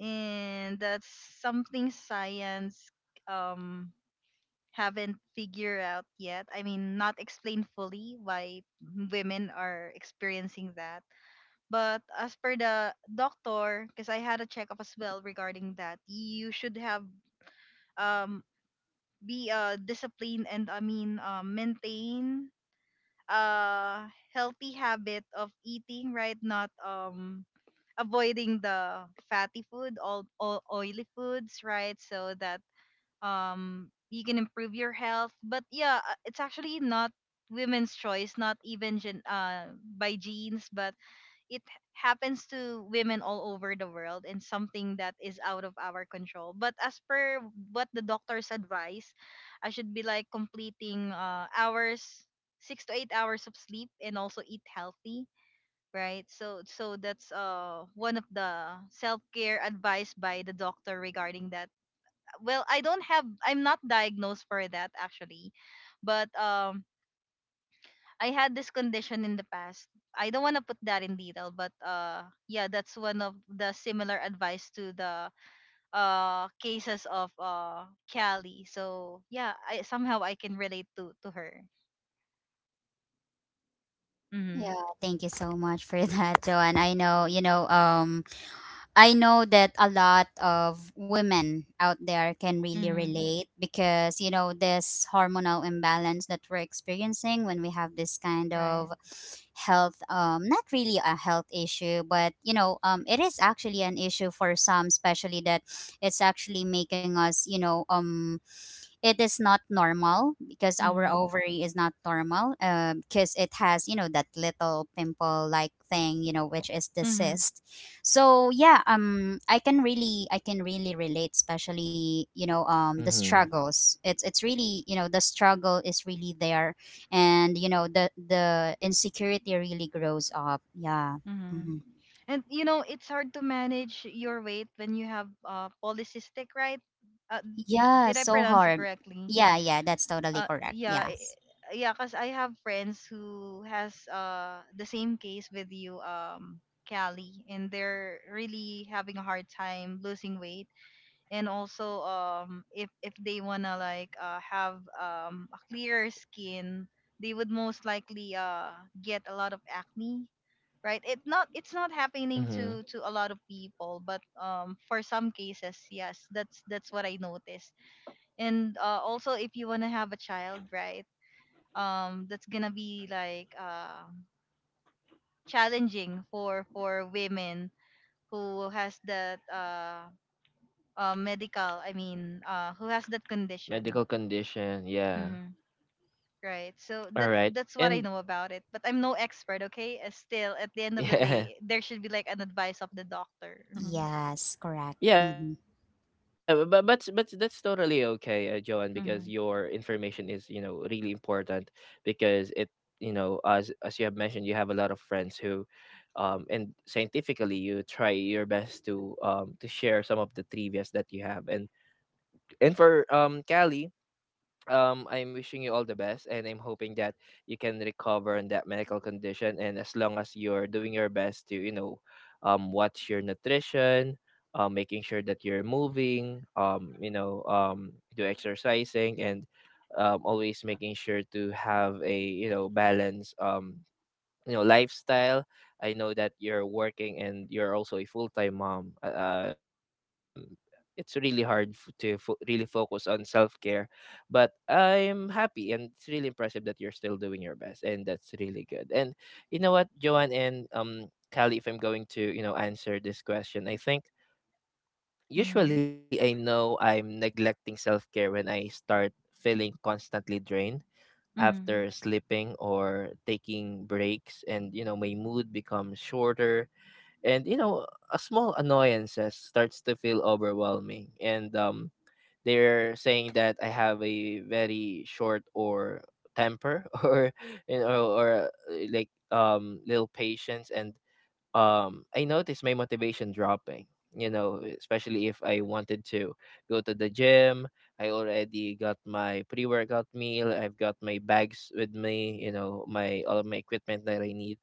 And that's something science um haven't figured out yet. I mean, not explained fully why women are experiencing that. But as per the doctor, because I had a checkup as well regarding that, you should have um be disciplined, and I mean maintain a healthy habit of eating, right? Not avoiding the fatty food, all oily foods, right? So that you can improve your health. But yeah, it's actually not women's choice, not even by genes, but it happens to women all over the world, and something that is out of our control. But as per what the doctor's advice, I should be like completing hours 6 to 8 hours of sleep and also eat healthy, right? So that's one of the self-care advice by the doctor regarding that. Well, I don't have I'm not diagnosed for that actually. But I had this condition in the past. I don't want to put that in detail, but yeah, that's one of the similar advice to the cases of Callie. So yeah, I somehow I can relate to her. Mhm.
Yeah, thank you so much for (laughs) that, Joanne. I know that a lot of women out there can really
Mhm.
relate, because, you know, this hormonal imbalance that we're experiencing when we have this kind of
Right.
health, not really a health issue, but, you know, it is actually an issue for some, especially that it's actually making us, you know, it is not normal because our
Mhm.
ovary is not normal, because it has, you know, that little pimple like thing, you know, which is the
Mhm.
cyst. So I can really relate, especially, you know, the
Mhm.
struggles. It's really you know, the struggle is really there. And you know, the insecurity really grows up. Yeah.
Mhm.
Hmm.
And you know, it's hard to manage your weight when you have polycystic, right? Uh,
Yeah,
did I
so
pronounce it
hard.
correctly?
Yeah, yeah, that's totally correct.
Yeah,
Yes.
yeah, cause I have friends who has the same case with you, Callie, and they're really having a hard time losing weight. And also if they wanna like have a clearer skin, they would most likely get a lot of acne. Right, it's not
Mhm.
happening to a lot of people, but for some cases, yes, that's what I noticed. And also if you want to have a child, right, that's gonna be like challenging for women who has that medical, I mean who has that condition.
Medical condition, yeah.
Hmm, right, so
All
that's
right,
that's what I
and
know about it, but I'm no expert, okay. Still, at the
(laughs)
end of the
yeah,
day there should be like an advice of the doctor. Mm-hmm.
Yes, correct.
yeah, bu- but
Mhm.
but but that's totally okay, Joan, because your information is, you know, really important, because it, you know, as you have mentioned, you have a lot of friends who and scientifically, you try your best to, to share some of the trivias that you have. And for Callie, I'm wishing you all the best, and I'm hoping that you can recover in that medical condition. And as long as you're doing your best to, you know, watch your nutrition, making sure that you're moving, you know, do exercising, and always making sure to have a, you know, balance, you know, lifestyle. I know that you're working and you're also a full-time mom, it's really hard to really focus on self-care. But I'm happy and it's really impressive, you're still doing your best, and that's really good. And you know what, Joanne and Callie, if I'm going to, you know, answer this question, I think
Mm-hmm.
usually I know I'm neglecting self-care when I start feeling constantly drained
Mm-hmm.
after sleeping or taking. And you know, my mood becomes shorter, and you know, a small annoyances starts to feel overwhelming, and they're saying that I have a very short or temper (laughs) or, you know, or, like, little patience. And I, my motivation dropping. You know, especially if I wanted to go to the gym, I already got my pre-workout meal. I've got my bags with me. You know, my all of my equipment that I need.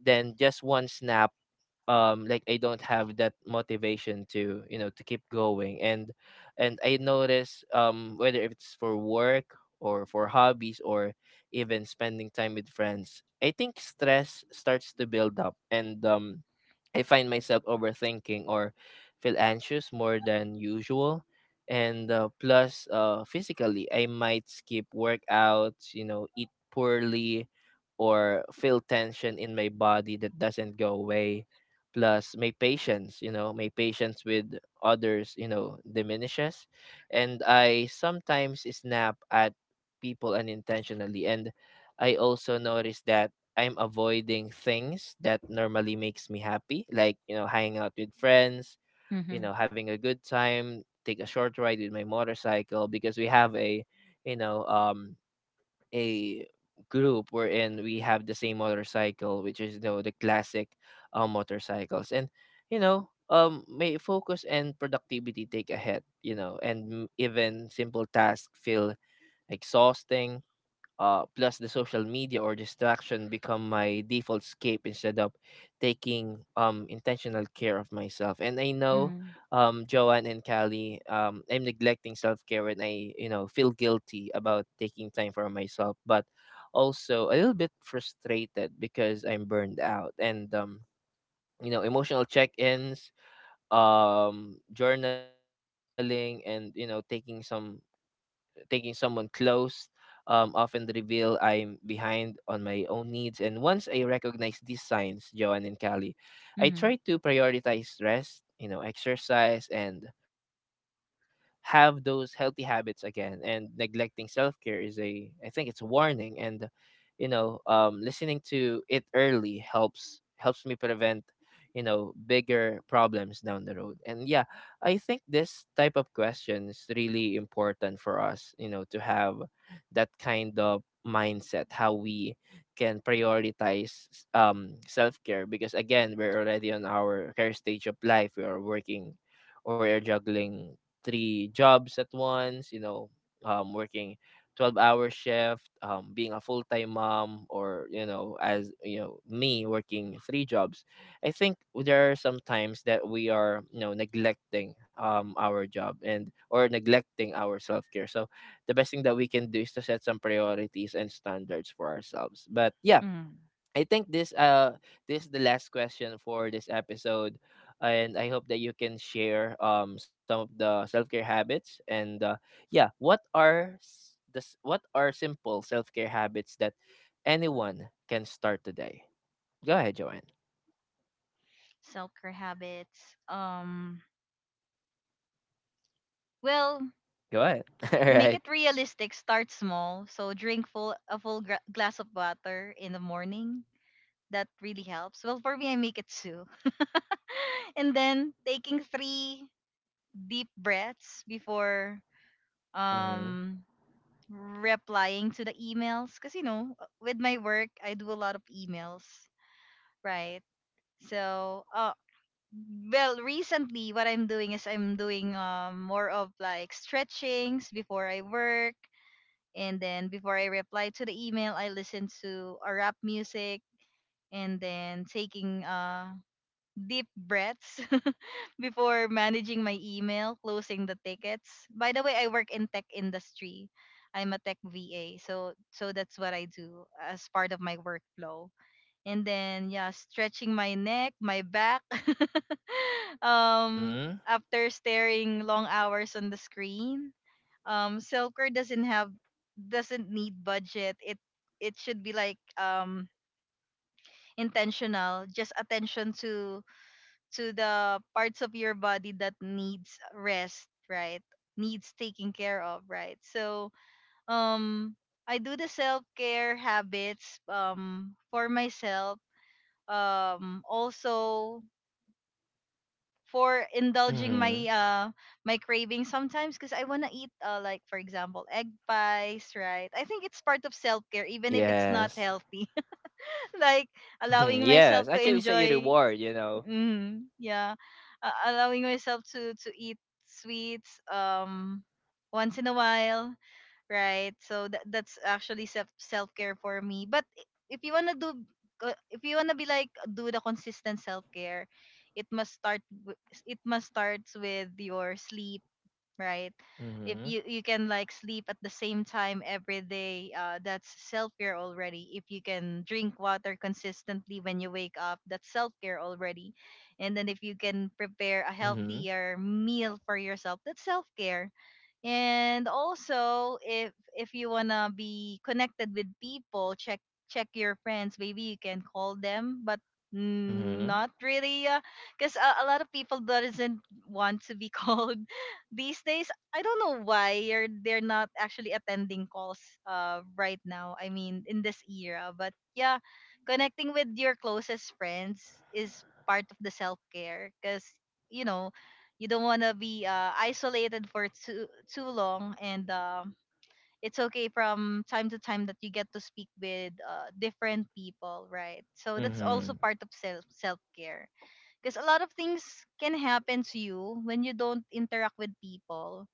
Then just one snap, like I don't have that motivation to, you know, to keep going. And I notice whether if it's for work or for hobbies or even spending time with friends, I think stress starts to build up, and I find myself overthinking or feel anxious more than usual. And plus, physically, I might skip workouts, you know, eat poorly, or feel tension in my body that doesn't go away. Plus, my patience, you know, my patience with others, you know, diminishes. And I sometimes snap at people unintentionally. And I also notice that I'm avoiding things that normally makes me happy, like, you know, hanging out with friends, you
Mm-hmm.
know, having a good time, take a short ride with my motorcycle, because we have a, you know, a group wherein we have the same motorcycle, which is, you know, the classic, motorcycles. And, you know, may focus and productivity take a hit, you know, and even simple tasks feel exhausting. Uh, plus the social media or distraction become my default escape instead of taking intentional care of myself. And I
Mm-hmm.
know,
Mm-hmm.
Joanne and Callie, I'm neglecting self care, and I, you know, feel guilty about taking time for myself, but also a little bit frustrated because I'm burned out. And you know, emotional check ins, journaling, and you know, taking someone close, often reveal I'm behind on my own needs. And once I recognize these signs, Joanne and Callie, I
Mm-hmm.
try to prioritize rest, you know, exercise, and have those healthy habits again. And neglecting self care is a, I think it's a warning. And you know, listening to it early helps me prevent, you know, bigger problems down the road. And yeah, I think this type of question is really important for us, you know, to have that kind of mindset, how we can prioritize self care. Because again, we're already on our care stage of life. We are working or we are juggling three jobs at once, you know, working 12-hour shift, being a full time mom, or, you know, as, you know, me working three jobs. I think there are some times that we are, you know, neglecting our job, and or neglecting our self care. So the best thing that we can do is to set some priorities and standards for ourselves. But yeah,
Mm.
I think this this is the last question for this episode, and I hope that you can share some of the self care habits. And yeah, what are what are simple self care habits that anyone can start today? Go ahead, Joanne.
Self-care habits, well,
Go ahead. (laughs) All
make
right.
it realistic. Start small. So drink full a full glass of water in the morning. That really helps. Well, for me, I make it two, (laughs) and then taking three deep breaths before
Mhm.
um replying to the emails. Cause with my work, I do a lot of emails, right? So, well, recently, what I'm doing is I'm doing more of like stretchings before I work. And then before I reply to the email, I listen to a rap music, and then taking deep breaths (laughs) before managing my email, closing the tickets. By the way, I work in tech industry. I'm a tech VA, so that's what I do as part of my workflow. And then yeah, stretching my neck, my back. (laughs) um
Mhm.
after staring long hours on the screen. um Care doesn't have, doesn't need budget it. It should be like intentional, just attention to the parts of your body that needs rest, right? Needs taking care of, right? So um I do the self care habits for myself, also for indulging my
Mhm.
my craving sometimes, because I wanna eat like for example egg pies, right? I think it's part of self care
Yes.
even if it's not healthy. (laughs) Like
Mhm, yes.
allowing
Actually, say
myself
a
to
reward. You
enjoy,
know.
yeah, allowing myself to eat sweets once in a while, right? So that's actually self care for me. But if you wanna do, if you wanna be like do the consistent self care, it must start. w- It must starts with your sleep, right? If you
Mhm.
you can like sleep at the same time every day, that's self care already. If you can drink water consistently when you wake up, that's self care already. And then if you can
Mhm.
prepare a healthier meal for yourself, that's self care. And also, if you wanna be connected with people, check your friends. Maybe you can call them, but
Mhm.
not really, because a lot of people doesn't want to be (laughs) called these days. I don't know why they're not actually attending calls right now. I mean, in this era, but yeah, connecting with your closest friends is part of the self care, because you know you don't want to be isolated for too long. And it's okay from time to time that you get to speak with different people, right? So that's also part
Mhm.
of self care, because a lot of things can happen to you when you don't interact with people.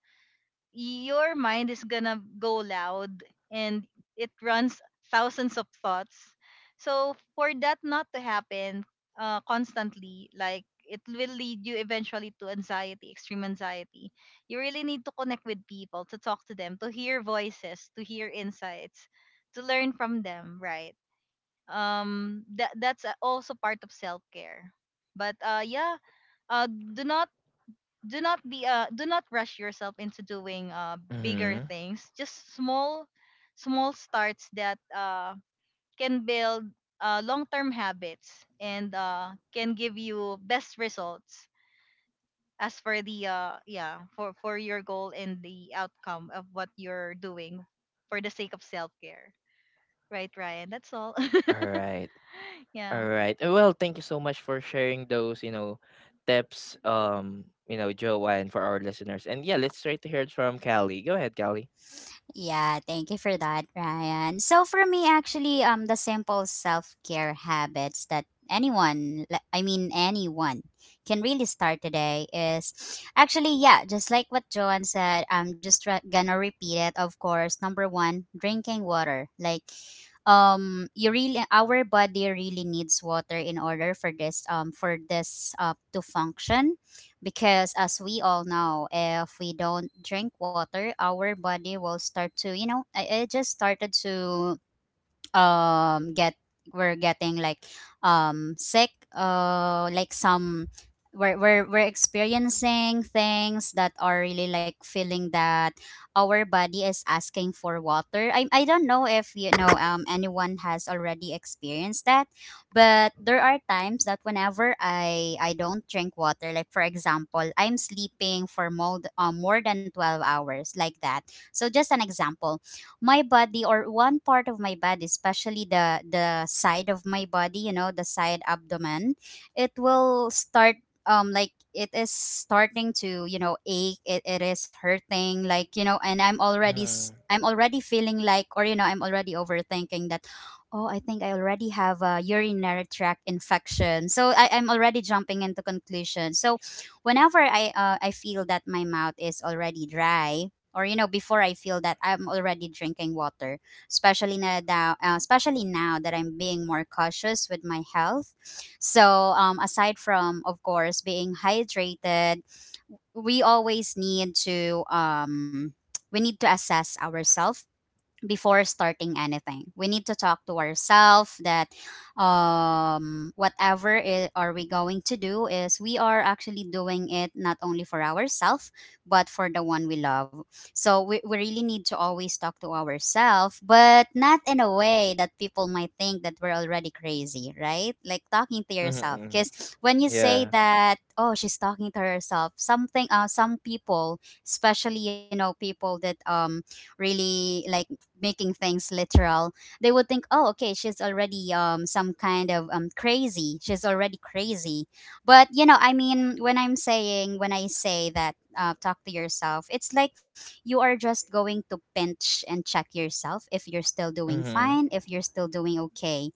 Your mind is gonna go loud and it runs thousands of thoughts. So for that not to happen constantly, like, it will lead you eventually to anxiety, extreme anxiety. You really need to connect with people, to talk to them, to hear voices, to hear insights, to learn from them, right? That's also part of self care. But yeah, uh, do not do not be do not rush yourself into doing bigger
Mhm.
things. Just small starts that can build long-term habits and can give you best results as for the yeah, for your goal and the outcome of what you're doing for the sake of self-care, right,
All
Ryan? That's
right.
all. (laughs)
All right. Well, thank you
Yeah.
so much for sharing those, you know, tips. You know, Joanne, for our listeners. And yeah, let's try to hear it from Callie. Go ahead, Callie.
Yeah, thank you for that, Ryan. So for me, actually, the simple self care habits that anyone, li- I mean anyone can really start today is actually, yeah, just like what Joanne said. I'm just gonna repeat it. Of course, number one, drinking water. Like, you really, our body really needs water in order for this to function. Because as we all know, if we don't drink water, our body will start to, you know, it just started to get, we're getting like sick, like some, we're experiencing things that are really like feeling that our body is asking for water. I don't know if anyone has already experienced that, but there are times that whenever I don't drink water, like for example I'm sleeping for more, more than 12 hours like that, so just an example. My body or one part of my body, especially the side of my body, you know, the side abdomen, it will start like it is starting to, you know, ache. It is hurting, like, you know, and
Mhm.
I'm already feeling like, or you know, I'm already overthinking that, oh, I think I already have a urinary tract infection. So I'm already jumping into conclusion. So whenever I feel that my mouth is already dry, or you know, before, I feel that I'm already drinking water, especially now, especially now that I'm being more cautious with my health. So, aside from of course being hydrated, we always need to um, we need to assess ourselves before starting anything. We need to talk to ourselves that, are we going to do is we are actually doing it not only for ourselves, but for the one we love. So we really need to always talk to ourselves, but not in a way that people might think that we're already crazy, right? Like talking to
Mhm.
yourself.
Mhm.
Because when you say
Yeah.
that, oh, she's talking to herself, something, some people, especially, you know, people that really like making things literal, they would think, oh, okay, she's already, some kind of, crazy, she's already crazy. But you know, I mean, when I say that, talk to yourself, it's like you are just going to pinch and check yourself if you're still doing
Mhm.
fine, if you're still doing okay.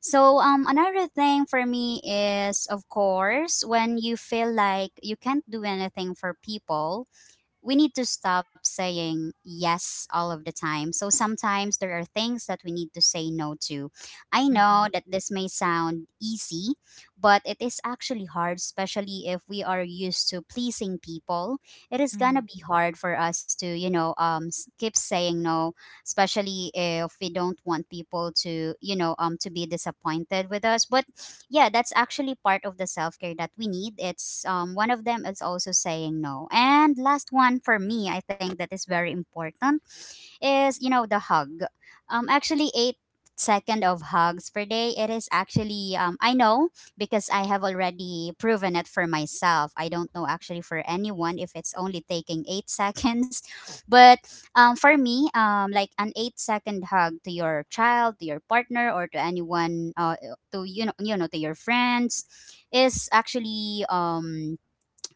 So another thing for me is, of course, when you feel like you can't do anything for people, we need to stop saying yes all of the time. So sometimes there are things that we need to say no to. I know
Mm-hmm.
that this may sound easy, but it is actually hard, especially if we are used to pleasing people. It is
Mm-hmm.
gonna be hard for us to, you know, keep saying no, especially if we don't want people to, you know, to be disappointed with us. But yeah, that's actually part of the self-care that we need. It's one of them is also saying no. And last one for me, I think that is very important, is, you know, the hug. Actually 8 second of hugs per day. It is actually, I know, because I have already proven it for myself. I don't know actually for anyone if it's only taking eight (laughs) seconds, but for me, like an 8 second hug to your child, to your partner, or to anyone, to you know, to your friends, is actually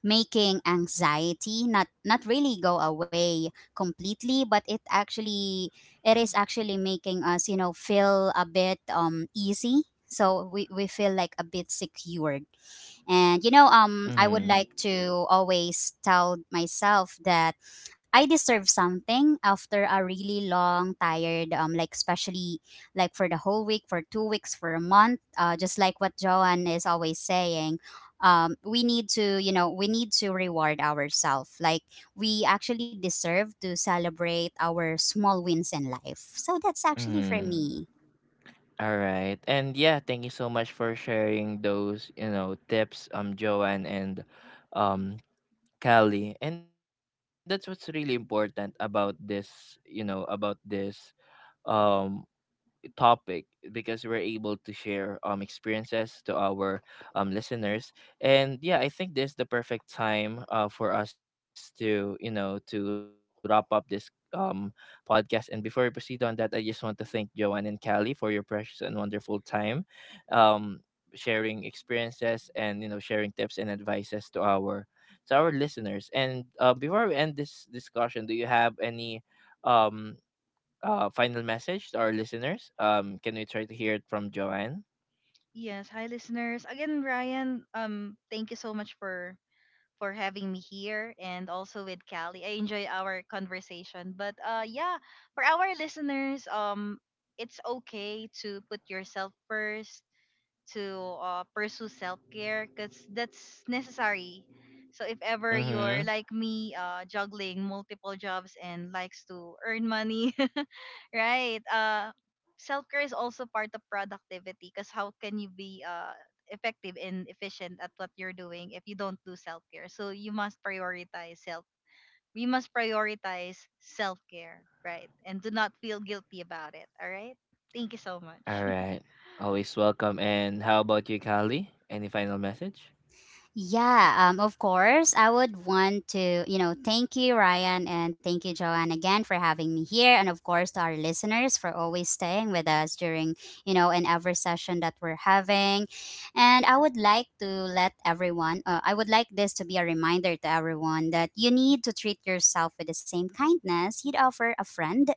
making anxiety not really go away completely, but it actually, it is actually making us, you know, feel a bit easy, so we feel like a bit secured. And you know,
Mhm.
I would like to always tell myself that I deserve something after a really long, tired, like especially like for the whole week, for 2 weeks, for a month. Just like what Joanne is always saying, we need to, you know, we need to reward ourselves. Like we actually deserve to celebrate our small wins in life. So that's actually for
Mhm.
me.
All right. And yeah, thank you so much for sharing those, you know, tips, Joanne and um Callie. And that's what's really important about this, you know, about this um topic, because we're able to share experiences to our listeners. And yeah, I think this the perfect time, uh, for us to, you know, to wrap up this podcast. And before we proceed on that, I just want to thank Joanne and Callie for your precious and wonderful time, um sharing experiences, and you know, sharing tips and advices to our listeners. And before we end this discussion, do you have any um final message to our listeners? Can we try to hear it from Joanne?
Yes, hi listeners. Again, Ryan, thank you so much for having me here and also with Callie. I enjoy our conversation. But yeah, for our listeners, it's okay to put yourself first, to pursue self-care, because that's necessary. So
Mm-hmm.
if ever you're like me, juggling multiple jobs and likes to earn money, (laughs) right? Self-care is also part of productivity, because how can you be effective and efficient at what you're doing if you don't do self-care? So you must prioritize self, we must prioritize self-care, right? And do not feel guilty about it. All right, thank you so
All
much. (laughs)
right. Always welcome. And how about you, Kali? Any final message?
Yeah, of course. I would want to, you know, thank you, Ryan, and thank you, Joanne, again for having me here. And of course, to our listeners for always staying with us during, you know, in every session that we're having. And I would like to let everyone, I would like this to be a reminder to everyone that you need to treat yourself with the same kindness you'd offer a friend,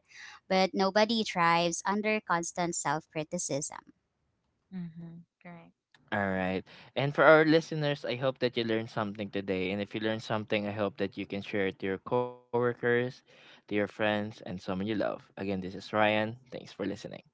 but nobody thrives under constant self criticism.
Mm-hmm. Right.
All right. And for our listeners, I hope that you learned something today. And if you learned something, I hope that you can share it to your coworkers, to your friends, and someone you love. Again, this is Ryan. Thanks for listening.